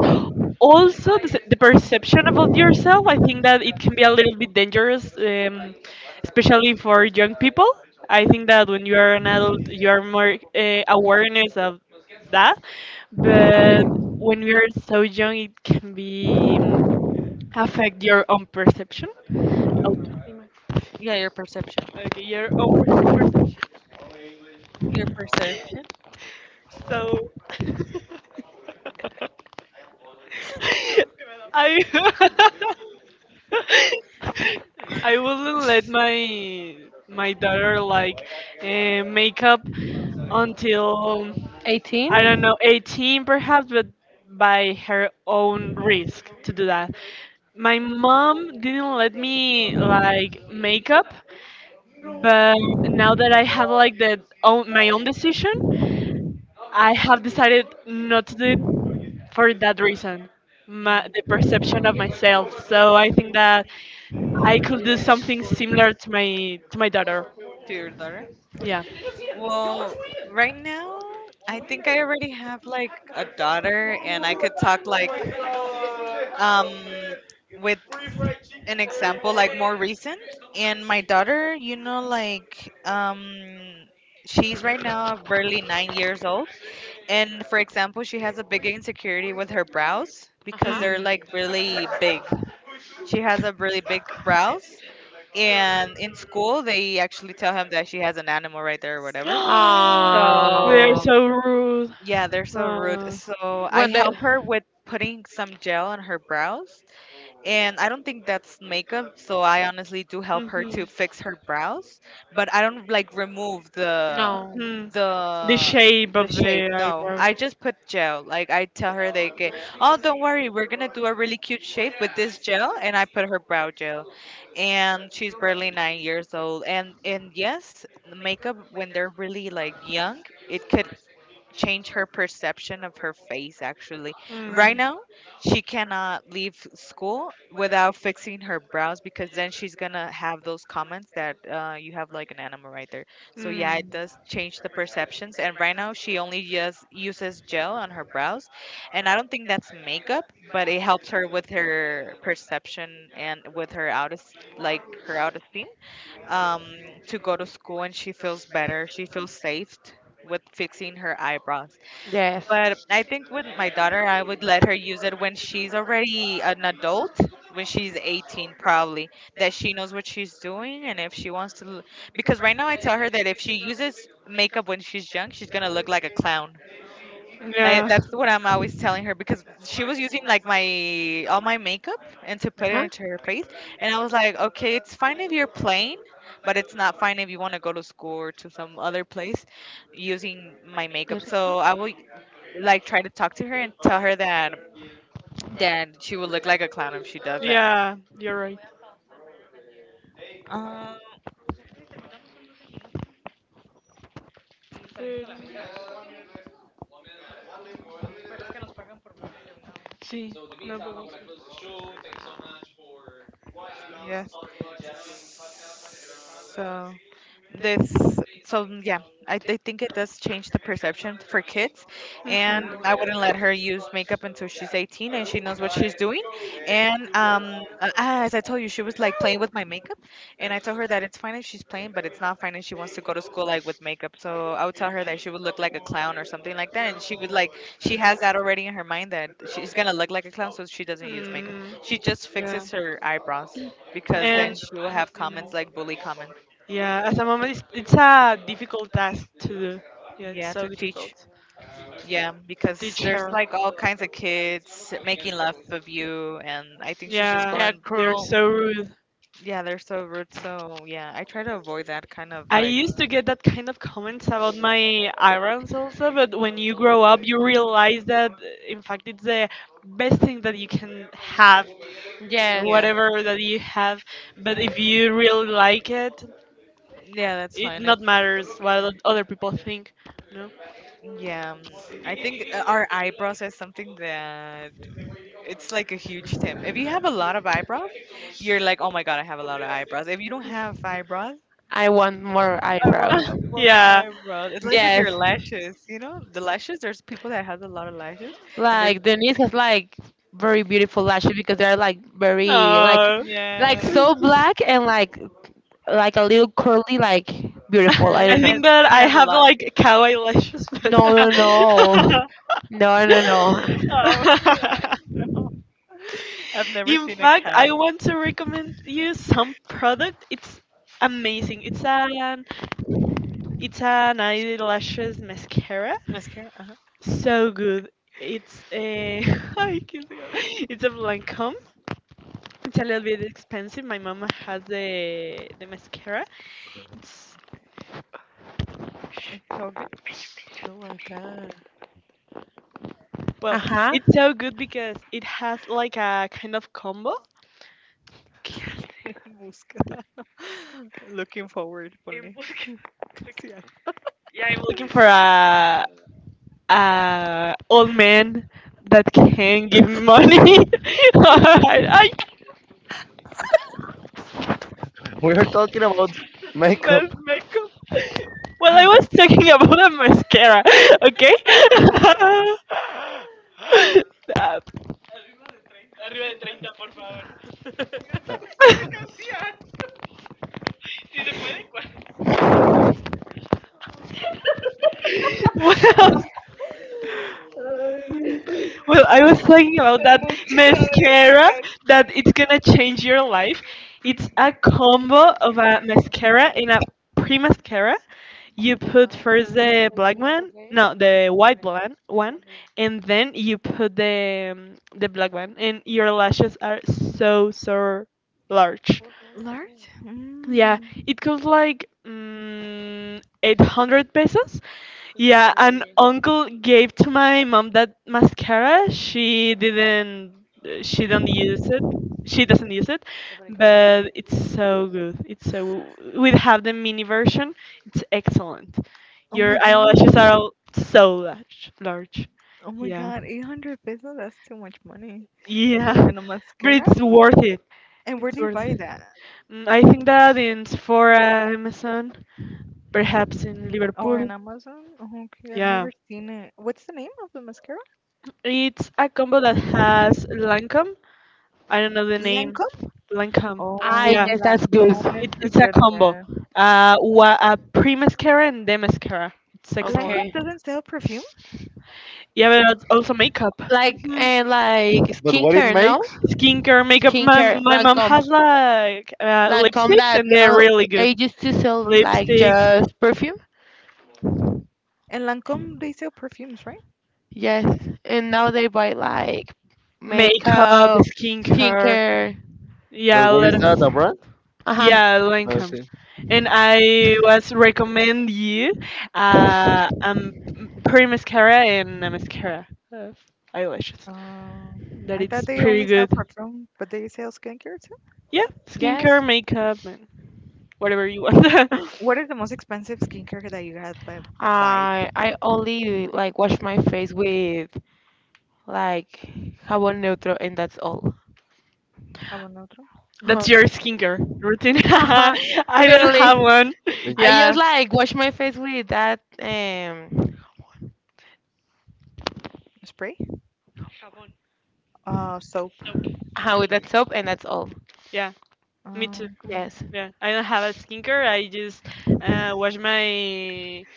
Also, the, s- the perception about yourself, I think that it can be a little bit dangerous, um, especially for young people. I think that when you are an adult, you are more uh, awareness of that, but when we are so young, it can be um, affect your own perception. Autoestima. Yeah. Okay, your own pers- So I I wouldn't let my my daughter like uh, make up until eighteen. I don't know eighteen perhaps, but by her own risk to do that. My mom didn't let me like make up, but now that I have like that own my own decision, I have decided not to do it for that reason, my, Mm, the perception of myself. So I think that I could do something similar to my to my daughter. to your daughter? Yeah. Well, right now, I think I already have like a daughter, and I could talk like um with an example like more recent. And my daughter, you know, like um she's right now barely nine years old. And for example, she has a big insecurity with her brows Uh because huh. they're Mm. like really big. She has a really big brows. And in school, they actually tell him that she has an animal right there or whatever. They're So, Ah, so rude. yeah, they're so rude. Uh, So, I when the help her with putting some gel on her brows, and I don't think that's makeup, so I honestly do help her to mhm. fix her brows, but I don't like remove the no. Mhm. The the shape the of shape. the No, eyebrow. I just put gel. Like I tell her like, eh, "Oh, don't worry. We're going to do a really cute shape with this gel." And I put her brow gel. And she's barely nine years old. And and yes, makeup when they're really like young, it could change her perception of her face actually. Right Mm. now she cannot leave school without fixing her brows, because then she's gonna have those comments that, uh, you have like an animal right there. So yeah, it does change the perceptions, and right now she only just uses gel on her brows, and I don't think that's makeup, but it helps her with her perception and with her out like her autoesteem, um, to go to school, and she feels better. She feels safe with fixing her eyebrows. Yes. But I think with my daughter, I would let her use it when she's already an adult, when she's eighteen, probably, that she knows what she's doing. And if she wants to, l- because right now I tell her that if she uses makeup when she's young, she's going to look like a clown. And I, yeah. that's what I'm always telling her because she was using like my all my makeup and to put it Huh? into her face, and I was like, okay, it's fine if you're playing, but it's not fine if you want to go to school or to some other place using my makeup. Yes, okay. So I will like try to talk to her and tell her that that she will look like a clown if she does that. Yeah, you're right. Um, See, no bubbles. yes. So. This so mm, yeah I, I think it does change the perception for kids, and I wouldn't let her use makeup until she's eighteen and she knows what she's doing. And um uh, ah, as I told you, she was like playing with my makeup. And I told her that it's fine if she's playing, but it's not fine if she wants to go to school like with makeup. So I would tell her that she would look like a clown or something like that, and she would like, she has that already in her mind that she's gonna look like a clown, so she doesn't use makeup. She just fixes her eyebrows, because Okay. then And she will have comments mhm. like bully comments. Yeah, as a mom, it's, it's a difficult task to do. Yeah, it's Yeah, to so teach. difficult Yeah, to because teach there's her. like all kinds of kids making love of you, and I think she's just Yeah, They're going. they're cruel. so rude. Yeah, they're so rude. So yeah, I try to avoid that kind of I like. used to get that kind of comments about my irons also, but when you grow up, you realize that in fact it's the best thing that you can have, Yeah, Yes. whatever that you have. But if you really like it, yeah, that's it fine. If, not matters what other people think, you know? yeah, um, I think uh, our eyebrows is something that it's like a huge thing. If you have a lot of eyebrows, you're like, oh my god, I have a lot of eyebrows. If you don't have eyebrows, I want more I eyebrows. want more Yeah. eyebrows. It's like with your Yes. lashes, you know, the lashes. There's people that have a lot of lashes, and there's Like Denise has like very beautiful lashes because they're like very like No. like yes, so black and like like a little curly, like beautiful. I I curly, don't know. and think that she I has a have lot. like cow eyelashes, but No, no, no. No, no, no. Oh, he No, I've never in seen a fact, I cow want to recommend you some product. It's amazing. It's an it's an eyelashes mascara. mascara. Ah, So good. It's a I can't think of- it's a Lancome. It's a little bit expensive. My mama has the the mascara. It's it's so good. No, acá. Well, Ajá. Ah, it's so good because it has like a kind of combo. Okay, Busca. Looking forward, ponle. Casi hasta. I'm looking for a, a old man that can give me money. I, I, We are talking about Más makeup, makeup. well, I was talking about a mascara, okay? Stop. well, well, I was talking about that mascara that it's gonna change your life. It's a combo of yes, a mascara and a pre mascara. You put first the black one, no, the white one, one, and then you put the um, the black one, and your lashes are so so large. Large? Yeah, Mm. it costs like mm, eight hundred pesos. Yeah, an uncle gave to my mom that mascara. She didn't she don't use it. She doesn't use it, but it's so good. It's so We have the mini version. It's excellent. Oh my Your god. eyelashes are all so large, large. Oh my Yeah. god. eight hundred pesos? That's too much money. Yeah. And a But mascara? it's worth it. And where It's do you worth buy it. that? Mm, I think that in Sephora, Amazon, perhaps in Or Liverpool. in Amazon? Oh, okay, I've Yeah. never seen it. What's the name of the mascara? It's a combo that has Lancome. I don't know the name. Lancome? Lancome. Yeah, Oh, that's good. Lancome. it, It's a it's a good combo. brand. Uh, wa- a pre mascara and day mascara. It's excellent. Okay. Lancome doesn't sell perfume? Yeah, but it's also makeup. Like Mhm. and like but what it skincare, no? makes? Skincare, makeup. My Skincare, my mom Lancome. has like uh, Lancome lipsticks, that and they're now really good. they used to sell like Lan- Lipsticks, just perfume. And Lancome, they sell perfumes, right? Yes, and now they buy like makeup, makeup, skincare. skincare. But Yeah, a what lot is of. that, a brand? Uh huh. Yeah, Lancome. Okay, And I was recommend you uh um pre mascara and a mascara of eyelashes Um, that I thought it's they pretty only sell good. perfume, but they sell skincare too. Yeah, Yes, skincare, makeup, and whatever you want. What is the most expensive skincare that you have bu- buyed? I I only like wash my face with like jabón neutro, and that's all. Jabón otro? Uh huh. That's your skincare routine. Uh huh. I don't Literally, have one. I twenty. Yeah, just like wash my face with that um, Spray? Uh, soap. uh with that soap, and that's all. yeah, me too. Um, Yes. Yeah, I don't have a skincare. I just uh, wash my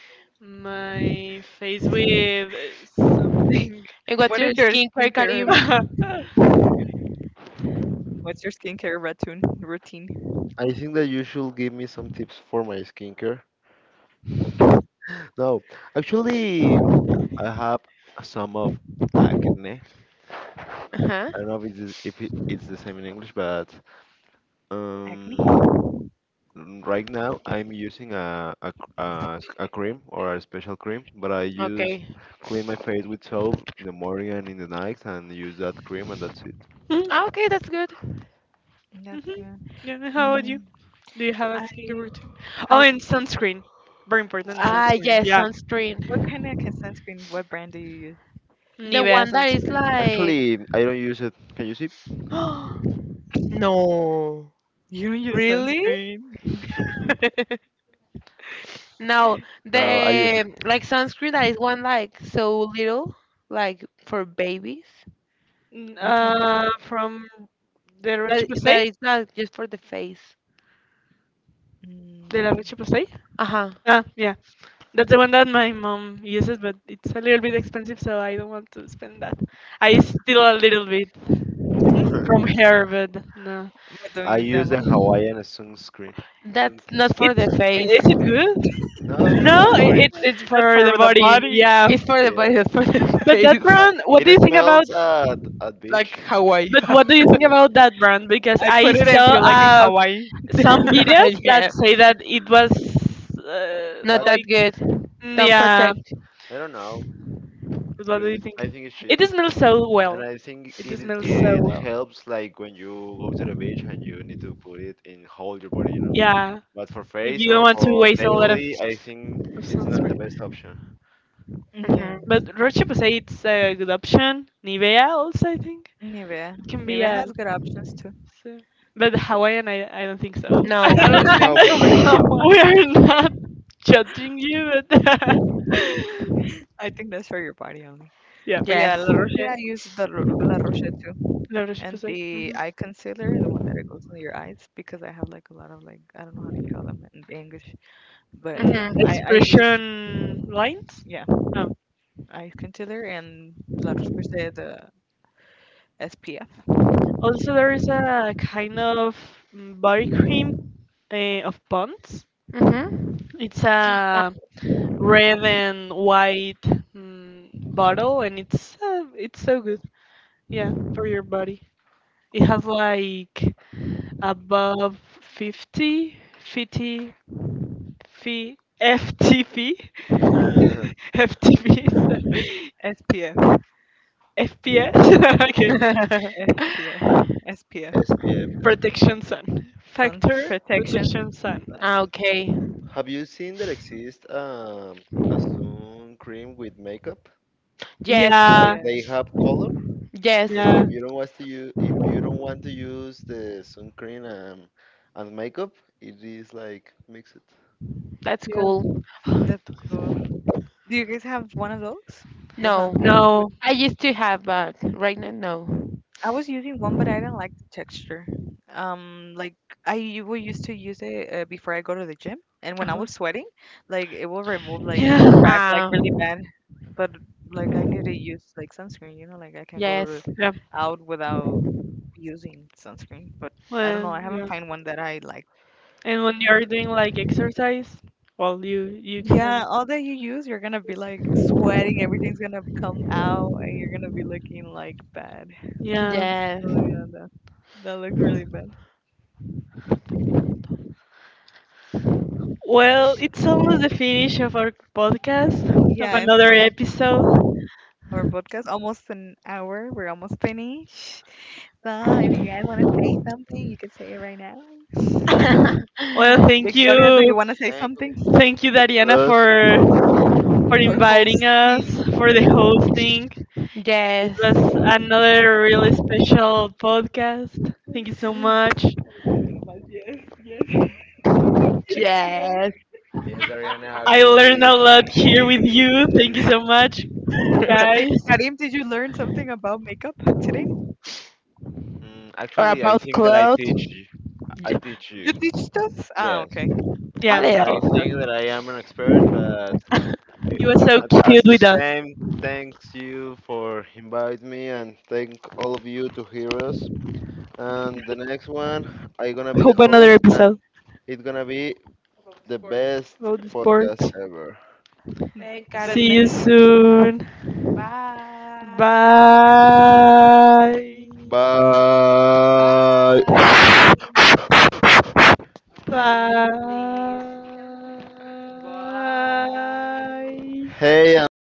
my face with uh, something. And what's what is your your skincare, skincare? Karim? What's your skincare routine? Routine? I think that you should give me some tips for my skincare. No, actually, I have some of acne. Uh huh. I don't know if it's, if it, it's the same in English, but Acne? um, right now I'm using a, a, c- a s- a cream or a special cream, but I use Okay. clean my face with soap in the morning and in the night and use that cream and that's it. Ah, Mhm, okay, that's good. That's mhm. good. Yeah, how about you? Mm, Do you have a I skincare routine? I Oh, and sunscreen. Very important Ah, sunscreen. yes, sunscreen. Yeah. sunscreen. What kind of ca- sunscreen? What brand do you use? The Nivea one that is sunscreen. like. Actually, I don't use it. Can you see? No. You don't use Really? sunscreen. Now, No, I use it. the like sunscreen that is one like so little, like for babies. N- Which one? Uh, from the Leche That Pasay? that is not just for the face. De la Mm. Leche Pasay? Uh-huh. Ah, yeah. That's the one that my mom uses, but it's a little bit expensive, so I don't want to spend that. I steal a little bit from her, but no. But don't I use that use much. a Hawaiian sunscreen. Sun, That's not for It's the Sunscreen. face. Is it good? Not No, for the i- body. it's it's That's for the for the body. body, Yeah. It's for the Yeah. body, that's for the But that face. Uh, brand, what it do you think about? smells at at Like beach. Hawaii. But what do you think Yeah. about that brand? Because I I put it and saw feel like in uh, Hawaii. some videos that Yeah. say that it was uh, Not But that like good. mm, Don't mm, yeah. protect. I don't know But what do you really. think? I think it's It cheap. smells so well. And I think It it smells so it well. helps like when you go to the beach and you need to put it in whole your body, you know. Yeah, But for if face you don't or want to for waste a lot of, daily, I think of it's not sunscreen. the best option. Yeah, Hmm. But Roche Posay, it's a good option. Nivea also, I think. Nivea. It can be Nivea a. has good options too. So. But Hawaiian, I, I don't think so. No. I don't No, think for so. face now. We are not judging you, but. I think that's for your body only. Yeah. But yeah, Yes. La Roche, Yeah. I use the Ro- La Roche too. La Roche And Posay. the Hmm. eye concealer, the one that it goes on your eyes, because I have like a lot of like, I don't know how do you call them in English. But Mm, yeah, Hmm. I, I use, Expression lines. yeah, Oh. eye concealer and La Roche Posay, the SPF. Also, there is a kind of mm, body cream uh, of Pond's. Hmm. It's a red and white mm, bottle, and it's uh, it's so good. Yeah, for your body. It has like above fifty, fifty, 50 ftv Uh, ftv so SPF. fps okay. SPF, SPF, S P F, Protection sun sun factor protection. protection sun. Ah, Sun. okay. Have you seen that exist um, a sun cream with makeup? Yes. Yeah. Like Yeah, they have color. Yes. Like if Yeah. you don't want to use if you don't want to use the sun cream and, and makeup, it is like mix it. That's Yeah. cool. that's cool. Do you guys have one of those? The No. sunscreen with No. I used to have, but right now, no. I was using one, but I didn't like the texture. Um, like I u- will used to use it uh, before I go to the gym, and when I Uh-huh. was sweating, like it will remove, like it will Yeah. crack, like Ah, really bad. But like I need to use like sunscreen, you know, like I can go to, yes. Yeah. out without using sunscreen. But I don't Well, know, I haven't yeah. found one that I like. And when you're doing like exercise, well you you Yeah, can. all that you use, you're gonna be like sweating, everything's gonna come out, and you're gonna be looking like bad. Yeah. Yes. Oh yeah, that that looks really bad. Well, it's almost the finish of our podcast, of Yeah, it's another almost episode. our podcast, almost an hour. We're almost finished. So if you guys wanna say something, you can say it right now. Well, thank Victoria, do you, you wanna say Thank something? all of you thank that you, hear Dariana, us. for for For inviting us hosting. for the hosting. It Yes. was another really special podcast. Thank you so much. Yes. Yes, Ariana, I learned actually, a lot here with you. Thank you so much, What tip guys. Karim, did you learn something about makeup today? Mm, or actually, I about think that I clothes? teach, I J- teach You you. teach us? Ah, Yes, okay. A Yeah, He I little. teaches us. think that I am an expert, but i- you were so A- As cute the with us. same, thanks you for inviting me and thank all of you to hear us. And the next one, I gonna be the Hope another host and episode it's gonna be the best about the podcast sports. ever. Thank The See you next Karim. soon. Bye. Bye. Bye. Bye. Karim, please. Bye. Bye. Hey, and listen.